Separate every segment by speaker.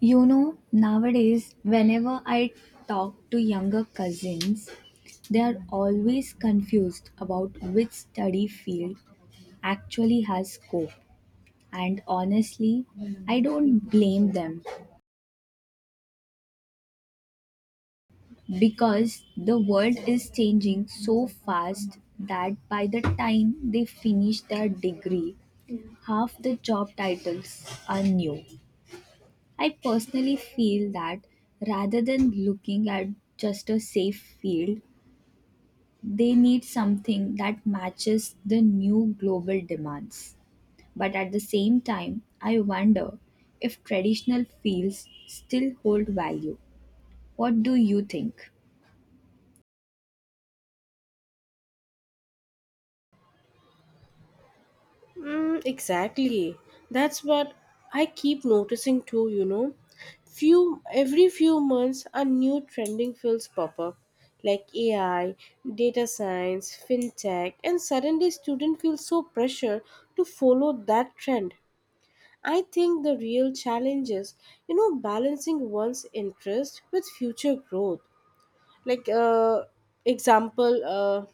Speaker 1: You know, nowadays, whenever I talk to younger cousins, they are always confused about which study field actually has scope. And honestly, I don't blame them because the world is changing so fast that by the time they finish their degree, half the job titles are new. I personally feel that rather than looking at just a safe field, they need something that matches the new global demands. But at the same time, I wonder if traditional fields still hold value. What do you think?
Speaker 2: Mm, exactly. That's what I keep noticing too. Few every few months a new trending fields pop up like AI, data science, fintech, and suddenly students feel so pressure to follow that trend. I think the real challenge is, balancing one's interest with future growth. Like example,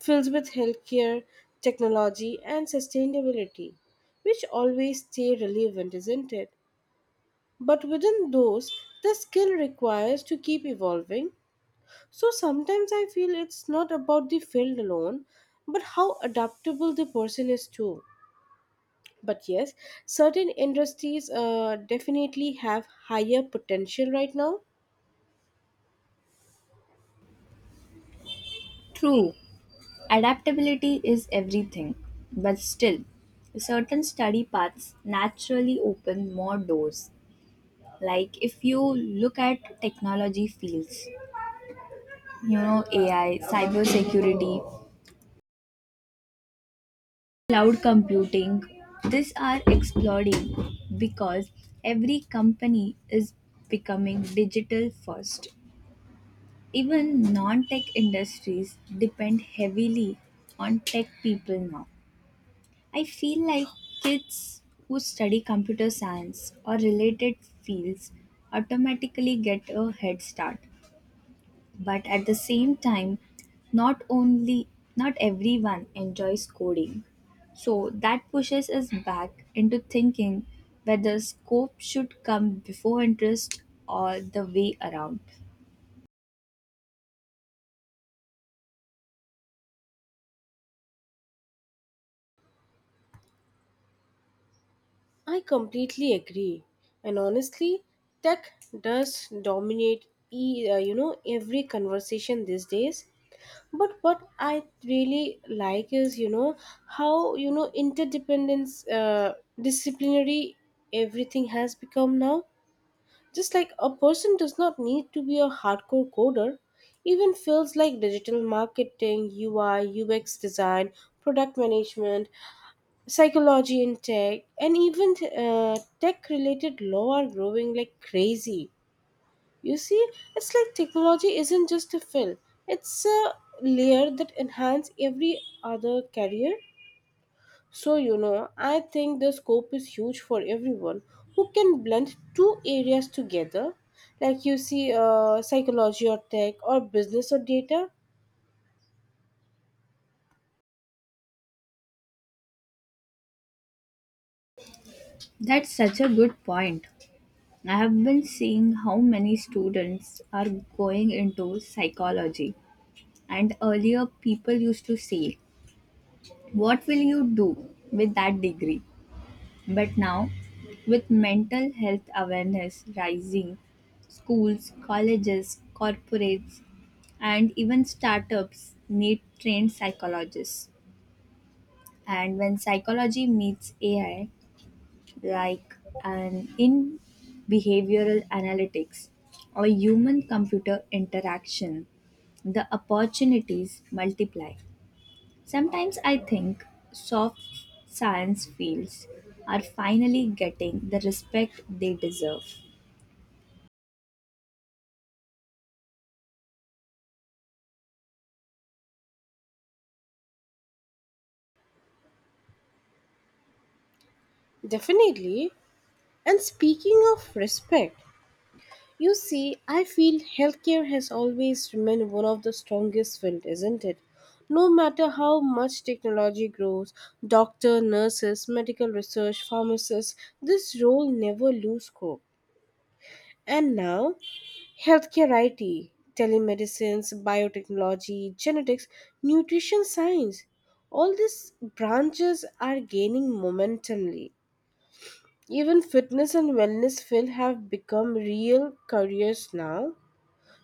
Speaker 2: filled with healthcare, technology, and sustainability, which always stay relevant, isn't it? But within those, the skill requires to keep evolving. So sometimes I feel it's not about the field alone, but how adaptable the person is too. But yes, certain industries definitely have higher potential right now.
Speaker 1: True, adaptability is everything, but still, certain study paths naturally open more doors. Like if you look at technology fields, you know, AI, cybersecurity, cloud computing, these are exploding because every company is becoming digital first. Even non-tech industries depend heavily on tech people now. I feel like kids who study computer science or related fields automatically get a head start, but at the same time, not only not everyone enjoys coding, so that pushes us back into thinking whether scope should come before interest or the way around.
Speaker 2: I completely agree, and honestly, tech does dominate every conversation these days. But what I really like is how interdependence, disciplinary, everything has become now. Just like a person does not need to be a hardcore coder, even fields like digital marketing, UI, UX design, product management, psychology and tech and even tech related law are growing like crazy. You see, it's like technology isn't just a fill, it's a layer that enhance every other career. So I think the scope is huge for everyone who can blend two areas together, like you see psychology or tech or business or data.
Speaker 1: That's such a good point. I have been seeing how many students are going into psychology, and earlier people used to say, what will you do with that degree? But now, with mental health awareness rising, schools, colleges, corporates, and even startups need trained psychologists. And when psychology meets AI, like an in behavioral analytics or human computer interaction, the opportunities multiply. Sometimes I think soft science fields are finally getting the respect they deserve.
Speaker 2: Definitely. And speaking of respect, you see, I feel healthcare has always remained one of the strongest fields, isn't it? No matter how much technology grows, doctor, nurses, medical research, pharmacists, this role never lose scope. And now, healthcare IT, telemedicines, biotechnology, genetics, nutrition science, all these branches are gaining momentumly. Even fitness and wellness field have become real careers now.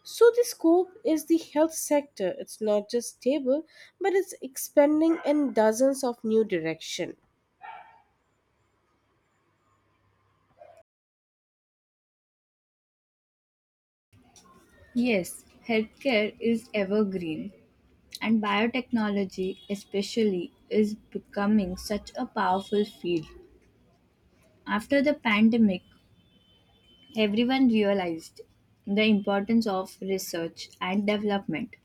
Speaker 2: So the scope is the health sector. It's not just stable, but it's expanding in dozens of new direction.
Speaker 1: Yes, healthcare is evergreen, and biotechnology, especially, is becoming such a powerful field. After the pandemic, everyone realized the importance of research and development.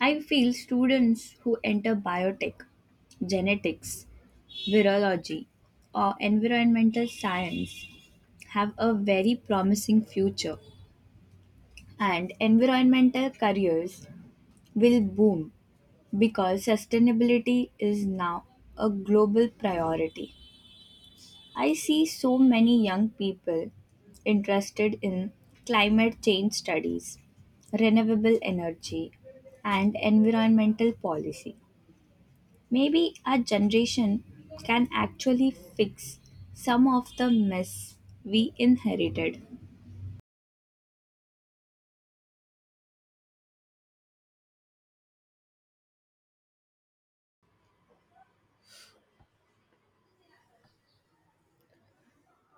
Speaker 1: I feel students who enter biotech, genetics, virology, or environmental science, have a very promising future, and environmental careers will boom because sustainability is now a global priority. I see so many young people interested in climate change studies, renewable energy, and environmental policy. Maybe our generation can actually fix some of the mess we inherited.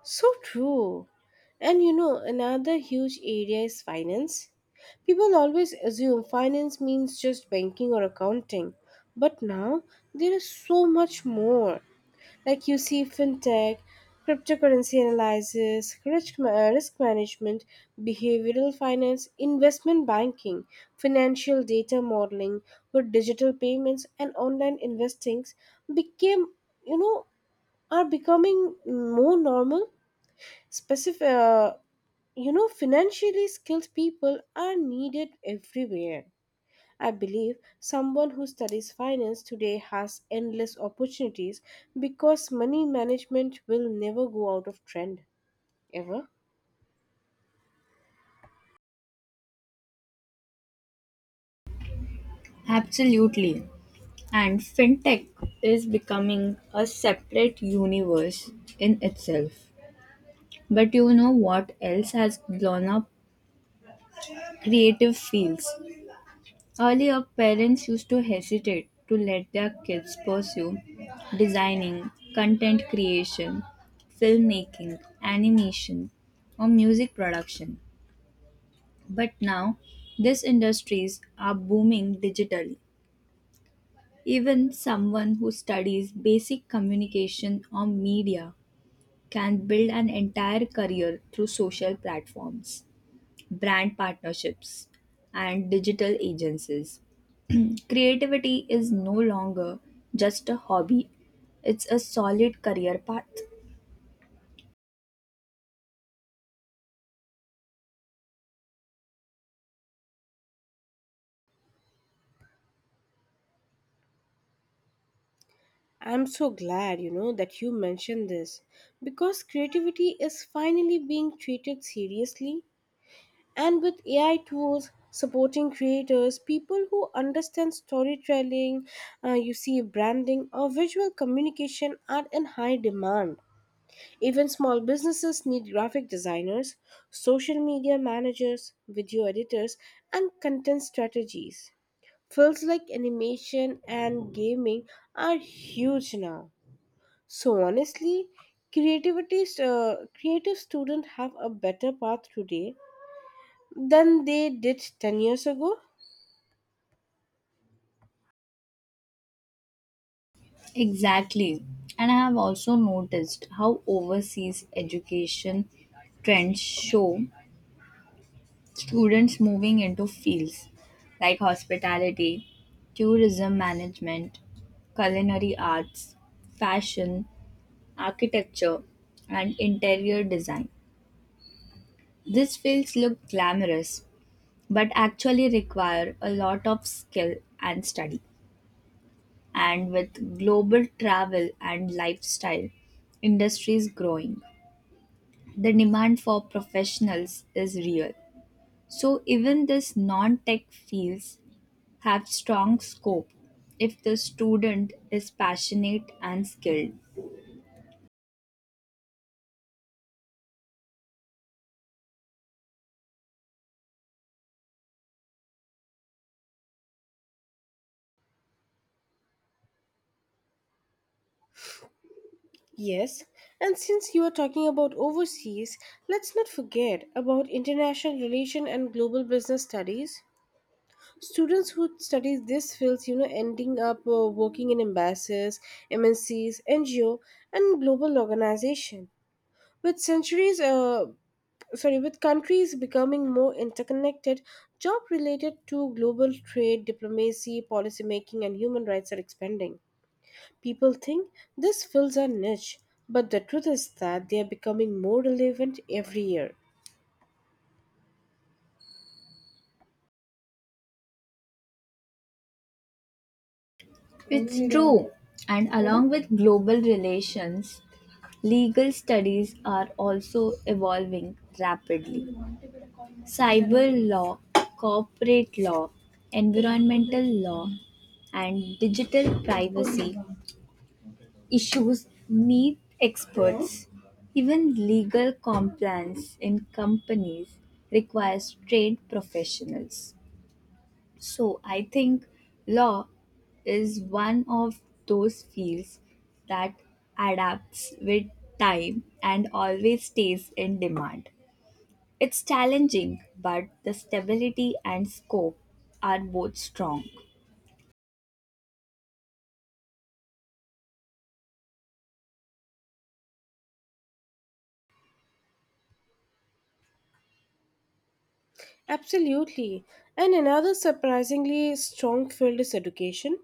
Speaker 2: So true. And you know, another huge area is finance. People always assume finance means just banking or accounting, but now there is so much more. Like you see, fintech, cryptocurrency analysis, risk management, behavioral finance, investment banking, financial data modeling, where digital payments and online investings became, you know, are becoming more normal. Specific, financially skilled people are needed everywhere. I believe someone who studies finance today has endless opportunities because money management will never go out of trend ever.
Speaker 1: Absolutely. And fintech is becoming a separate universe in itself. But you know what else has blown up? Creative fields. Earlier, parents used to hesitate to let their kids pursue designing, content creation, filmmaking, animation, or music production. But now, these industries are booming digitally. Even someone who studies basic communication or media can build an entire career through social platforms, brand partnerships, and digital agencies. Creativity is no longer just a hobby, it's a solid career path.
Speaker 2: I'm so glad, that you mentioned this because creativity is finally being treated seriously. And with AI tools supporting creators, people who understand storytelling, you see branding, or visual communication are in high demand. Even small businesses need graphic designers, social media managers, video editors, and content strategies. Fields like animation and gaming are huge now. So honestly, creativity creative students have a better path today than they did 10 years ago?
Speaker 1: Exactly. And I have also noticed how overseas education trends show students moving into fields like hospitality, tourism management, culinary arts, fashion, architecture, and interior design. These fields look glamorous but actually require a lot of skill and study. And with global travel and lifestyle industries growing, the demand for professionals is real. So, even these non tech fields have strong scope if the student is passionate and skilled.
Speaker 2: Yes, and since you are talking about overseas, let's not forget about international relation and global business studies. Students who study these fields, ending up working in embassies, MNCs, NGO, and global organization. With centuries, uh, with countries becoming more interconnected, job related to global trade, diplomacy, policy making, and human rights are expanding. People think this fills a niche, but the truth is that they are becoming more relevant every year.
Speaker 1: It's true. And along with global relations, legal studies are also evolving rapidly. Cyber law, corporate law, environmental law, and digital privacy issues need experts. Even legal compliance in companies requires trained professionals. So I think law is one of those fields that adapts with time and always stays in demand. It's challenging, but the stability and scope are both strong.
Speaker 2: Absolutely. And another surprisingly strong field is education.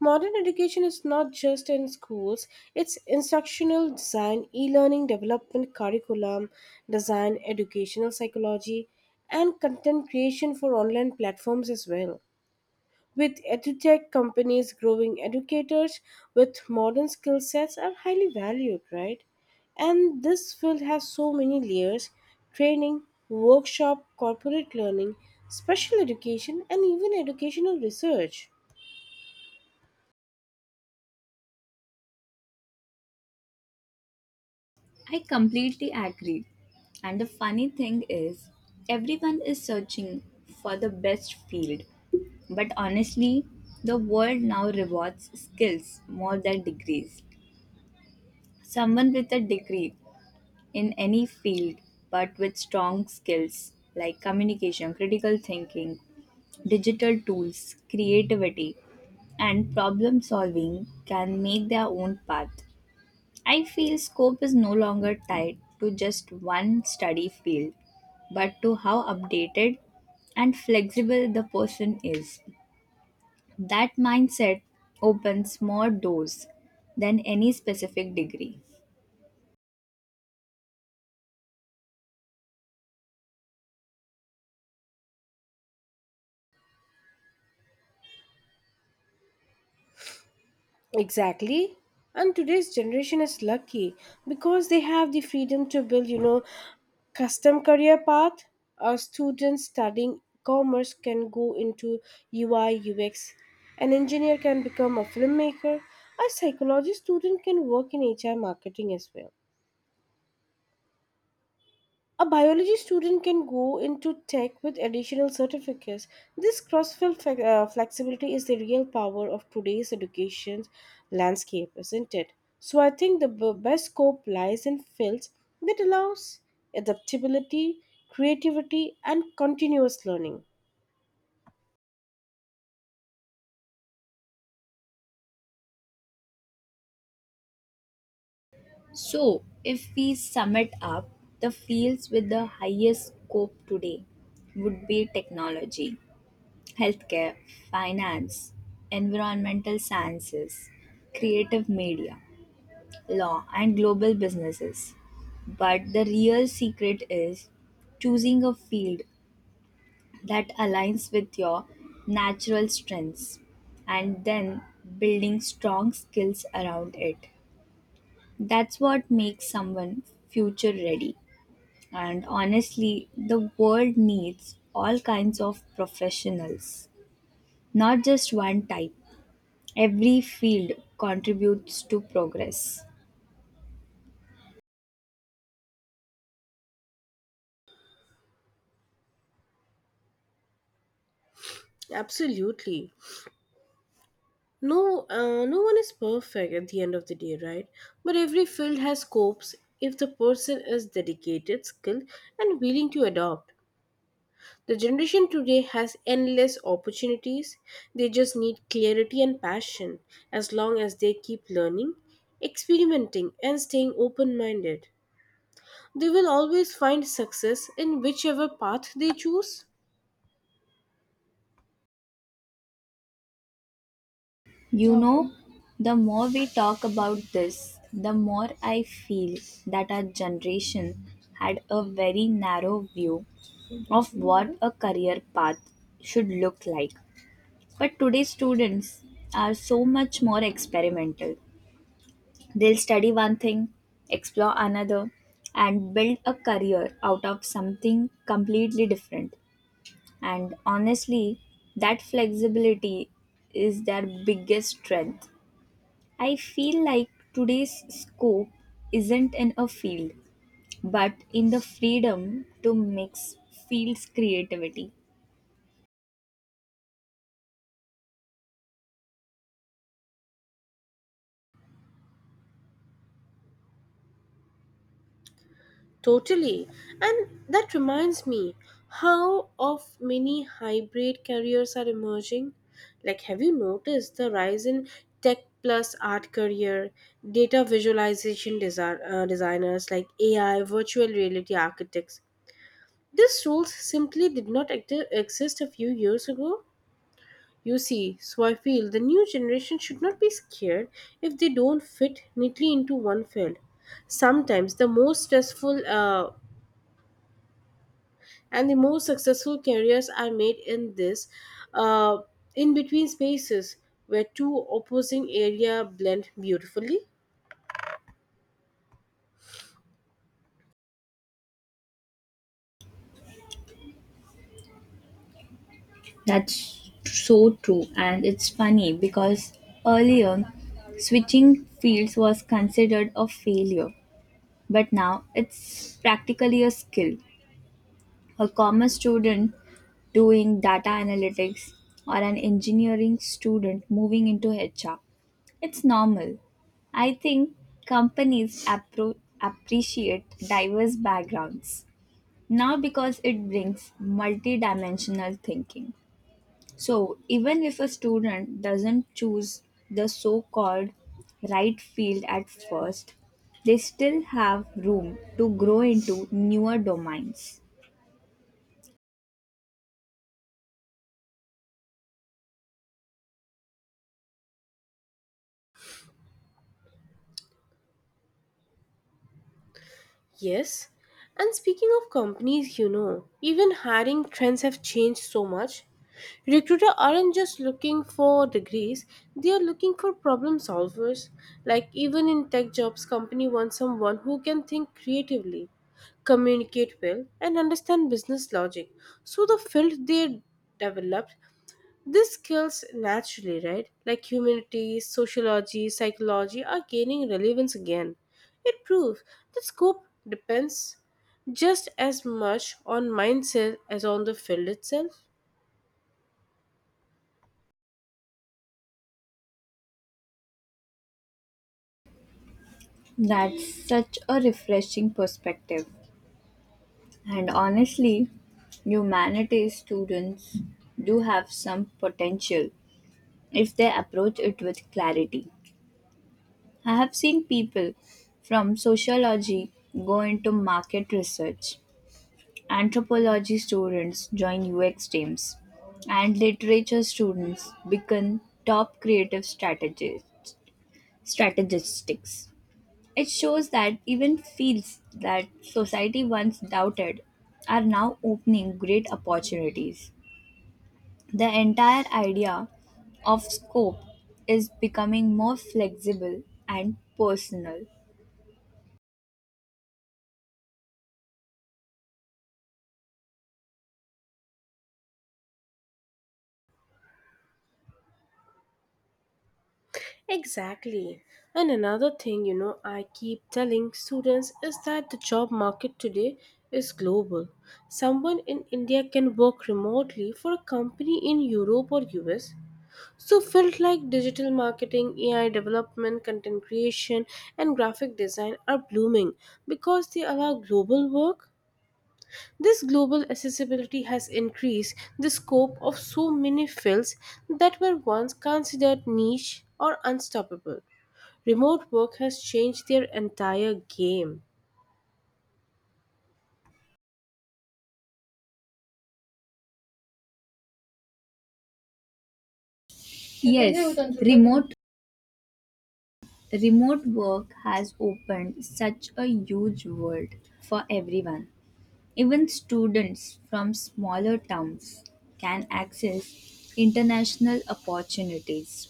Speaker 2: Modern education is not just in schools, it's instructional design, e learning development, curriculum design, educational psychology, and content creation for online platforms as well. With edutech companies growing, educators with modern skill sets are highly valued, right? And this field has so many layers training, workshop, corporate learning, special education, and even educational research.
Speaker 1: I completely agree. And the funny thing is, everyone is searching for the best field. But honestly, the world now rewards skills more than degrees. Someone with a degree in any field, but with strong skills like communication, critical thinking, digital tools, creativity, and problem solving can make their own path. I feel scope is no longer tied to just one study field, but to how updated and flexible the person is. That mindset opens more doors than any specific degree.
Speaker 2: Exactly. And today's generation is lucky because they have the freedom to build, custom career path. A student studying commerce can go into UI UX. An engineer can become a filmmaker. A psychology student can work in HR marketing as well. A biology student can go into tech with additional certificates. This flexibility is the real power of today's education landscape, isn't it? So I think the best scope lies in fields that allows adaptability, creativity, and continuous learning.
Speaker 1: So, if we sum it up, the fields with the highest scope today would be technology, healthcare, finance, environmental sciences, creative media, law, and global businesses. But the real secret is choosing a field that aligns with your natural strengths and then building strong skills around it. That's what makes someone future ready. And honestly, the world needs all kinds of professionals, not just one type. Every field contributes to progress.
Speaker 2: Absolutely. No one is perfect at the end of the day, right? But every field has scopes if the person is dedicated, skilled, and willing to adopt. The generation today has endless opportunities. They just need clarity and passion as long as they keep learning, experimenting, and staying open minded. They will always find success in whichever path they choose.
Speaker 1: You know, the more we talk about this, the more I feel that our generation had a very narrow view of what a career path should look like. But today's students are so much more experimental. They'll study one thing, explore another, and build a career out of something completely different. And honestly, that flexibility is their biggest strength. I feel like today's scope isn't in a field, but in the freedom to mix fields creativity.
Speaker 2: Totally. And that reminds me how of many hybrid careers are emerging. Like have you noticed the rise in tech plus art career, data visualization designers like AI, virtual reality architects. These roles simply did not exist a few years ago. You see, so I feel the new generation should not be scared if they don't fit neatly into one field. Sometimes the most stressful and the most successful careers are made in this uh, in between spaces where two opposing area blend beautifully.
Speaker 1: That's so true, and it's funny because earlier switching fields was considered a failure. But now it's practically a skill. A commerce student doing data analytics or an engineering student moving into HR. It's normal. I think companies appreciate diverse backgrounds now because it brings multidimensional thinking. So, even if a student doesn't choose the so called right field at first, they still have room to grow into newer domains.
Speaker 2: Yes, and speaking of companies, you know, even hiring trends have changed so much. Recruiter aren't just looking for degrees, they are looking for problem solvers. Like even in tech jobs, company wants someone who can think creatively, communicate well, and understand business logic. So the field they developed these skills naturally, right? Like humanities, sociology, psychology are gaining relevance again. It proves that scope depends just as much on mindset as on the field itself.
Speaker 1: That's such a refreshing perspective. And honestly, humanities students do have some potential if they approach it with clarity. I have seen people from sociology go into market research, anthropology students join UX teams, and literature students become top creative strategists. It shows that even fields that society once doubted are now opening great opportunities. The entire idea of scope is becoming more flexible and personal.
Speaker 2: Exactly. And another thing, I keep telling students is that the job market today is global. Someone in India can work remotely for a company in Europe or US. So, fields like digital marketing, AI development, content creation, and graphic design are blooming because they allow global work. This global accessibility has increased the scope of so many fields that were once considered niche or unstoppable. Remote work has changed their entire game.
Speaker 1: Yes, remote Remote work has opened such a huge world for everyone. Even students from smaller towns can access international opportunities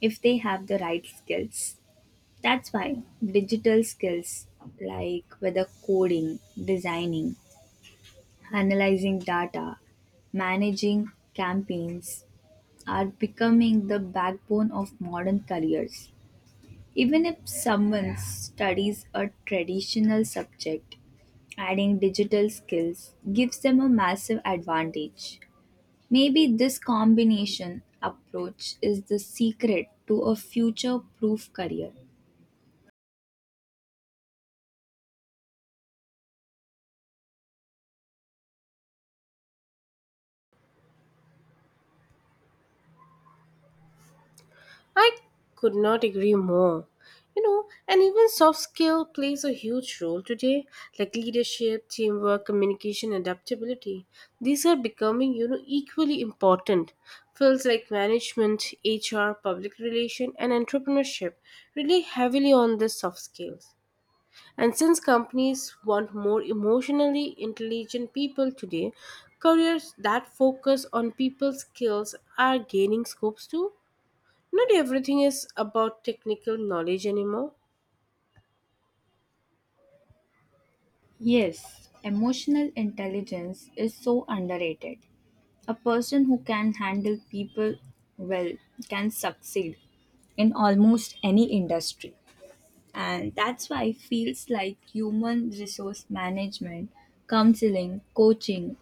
Speaker 1: if they have the right skills. That's why digital skills like whether coding, designing, analyzing data, managing campaigns are becoming the backbone of modern careers. Even if someone studies a traditional subject, adding digital skills gives them a massive advantage. Maybe this combination approach is the secret to a future proof career.
Speaker 2: I could not agree more. And even soft skill plays a huge role today, like leadership, teamwork, communication, adaptability. These are becoming, equally important. Fields like management, HR, public relation, and entrepreneurship rely heavily on the soft skills. And since companies want more emotionally intelligent people today, careers that focus on people skills are gaining scopes too. Not everything is about technical knowledge anymore.
Speaker 1: Yes, emotional intelligence is so underrated. A person who can handle people well can succeed in almost any industry. And that's why fields like human resource management, counseling, coaching,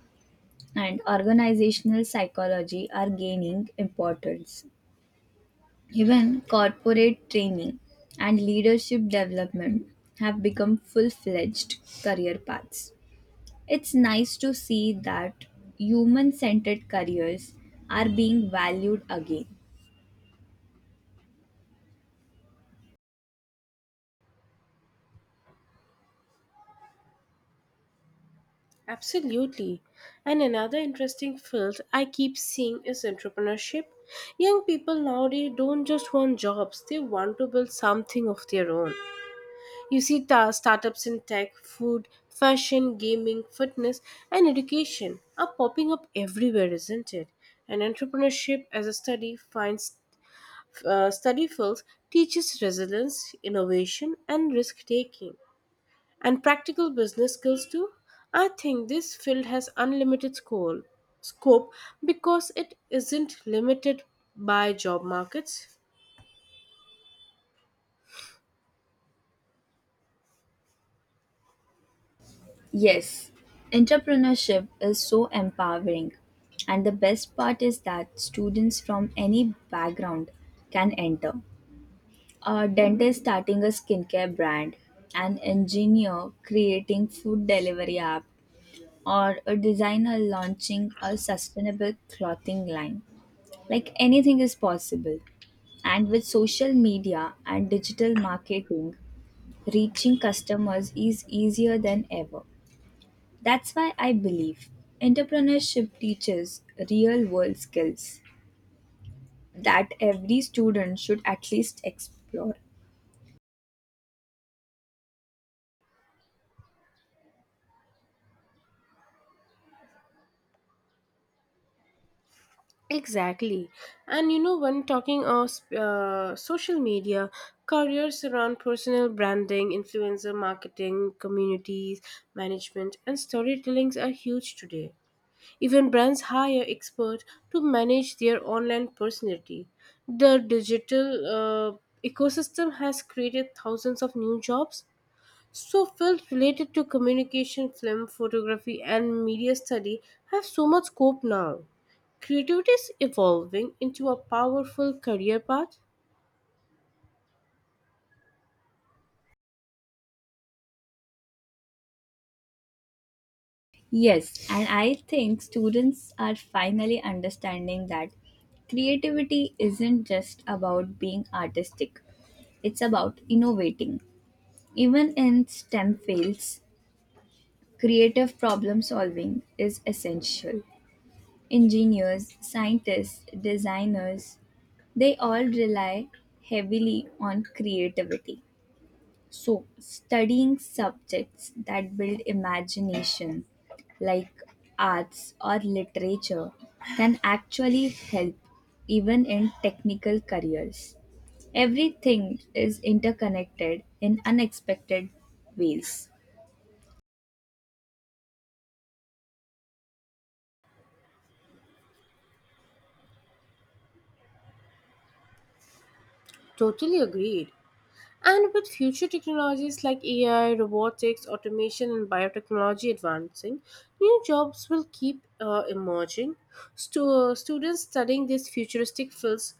Speaker 1: and organizational psychology are gaining importance. Even corporate training and leadership development have become full fledged career paths. It's nice to see that human centered careers are being valued again.
Speaker 2: Absolutely. And another interesting field I keep seeing is entrepreneurship. Young people nowadays don't just want jobs, they want to build something of their own. You see startups in tech, food, fashion, gaming, fitness, and education are popping up everywhere, isn't it? And entrepreneurship as a study fields teaches resilience, innovation, and risk taking and practical business skills too. I think this field has scope because it isn't limited by job markets.
Speaker 1: Yes, entrepreneurship is so empowering. And the best part is that students from any background can enter. A dentist starting a skincare brand, an engineer creating food delivery app, or a designer launching a sustainable clothing line. Like anything is possible. And with social media and digital marketing, reaching customers is easier than ever. That's why I believe entrepreneurship teaches real world skills that every student should at least explore.
Speaker 2: Exactly. And you know, when talking of social media, careers around personal branding, influencer marketing, communities, management, and storytellings are huge today. Even brands hire experts to manage their online personality. The digital ecosystem has created thousands of new jobs. So, fields related to communication, film, photography, and media study have so much scope now. Creativity is evolving into a powerful career path.
Speaker 1: Yes, and I think students are finally understanding that creativity isn't just about being artistic, it's about innovating. Even in STEM fields, creative problem solving is essential. Engineers, scientists, designers, they all rely heavily on creativity. So, studying subjects that build imagination, like arts or literature, can actually help even in technical careers. Everything is interconnected in unexpected ways.
Speaker 2: Totally agreed. And with future technologies like AI, robotics, automation, and biotechnology advancing, new jobs will keep emerging. Students studying these futuristic fields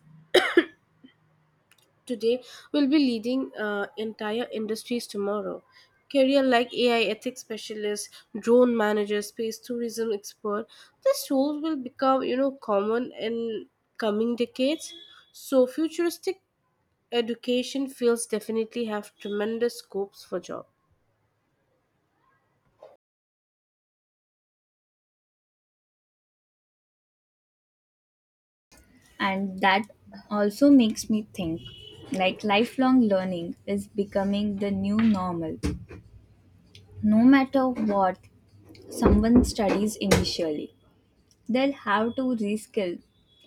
Speaker 2: today will be leading entire industries tomorrow. Career like AI ethics specialist, drone manager, space tourism expert, these roles will become, common in coming decades. So futuristic education fields definitely have tremendous scopes for job.
Speaker 1: And that also makes me think, like, lifelong learning is becoming the new normal. No matter what someone studies initially, they'll have to reskill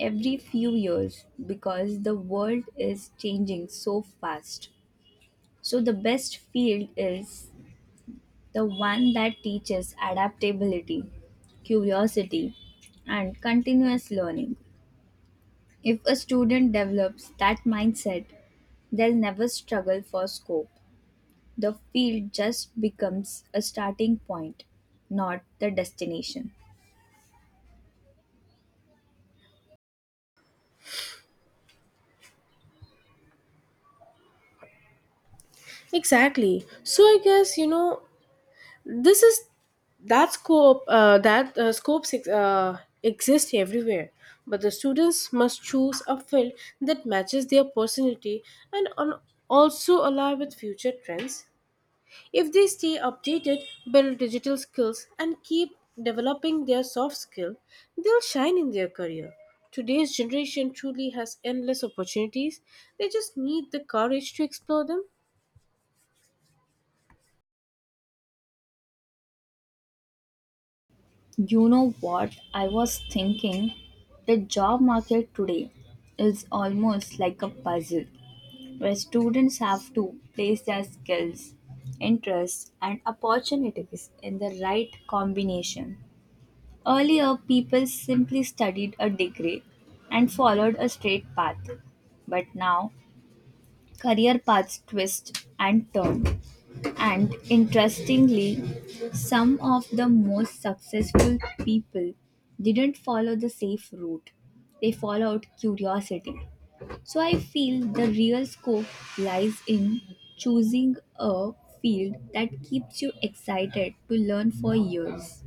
Speaker 1: every few years because the world is changing so fast. So the best field is the one that teaches adaptability, curiosity, and continuous learning. If a student develops that mindset, they'll never struggle for scope. The field just becomes a starting point, not the destination.
Speaker 2: Exactly. So I guess, this is that scopes exist everywhere, but the students must choose a field that matches their personality and on also align with future trends. If they stay updated, build digital skills, and keep developing their soft skill, they'll shine in their career. Today's generation truly has endless opportunities. They just need the courage to explore them.
Speaker 1: You know what I was thinking? The job market today is almost like a puzzle where students have to place their skills, interests, and opportunities in the right combination. Earlier, people simply studied a degree and followed a straight path. But now, career paths twist and turn. And interestingly, some of the most successful people didn't follow the safe route, they followed curiosity. So, I feel the real scope lies in choosing a field that keeps you excited to learn for years.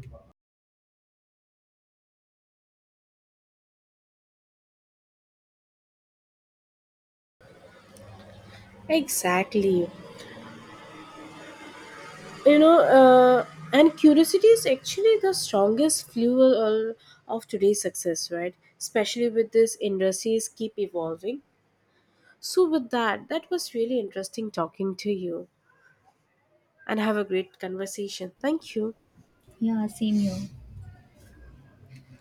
Speaker 2: Exactly. You know, uh, and curiosity is actually the strongest fuel of today's success, right? Especially with these industries keep evolving. So, with that, that was really interesting talking to you and have a great conversation. Thank you.
Speaker 1: Yeah, same here.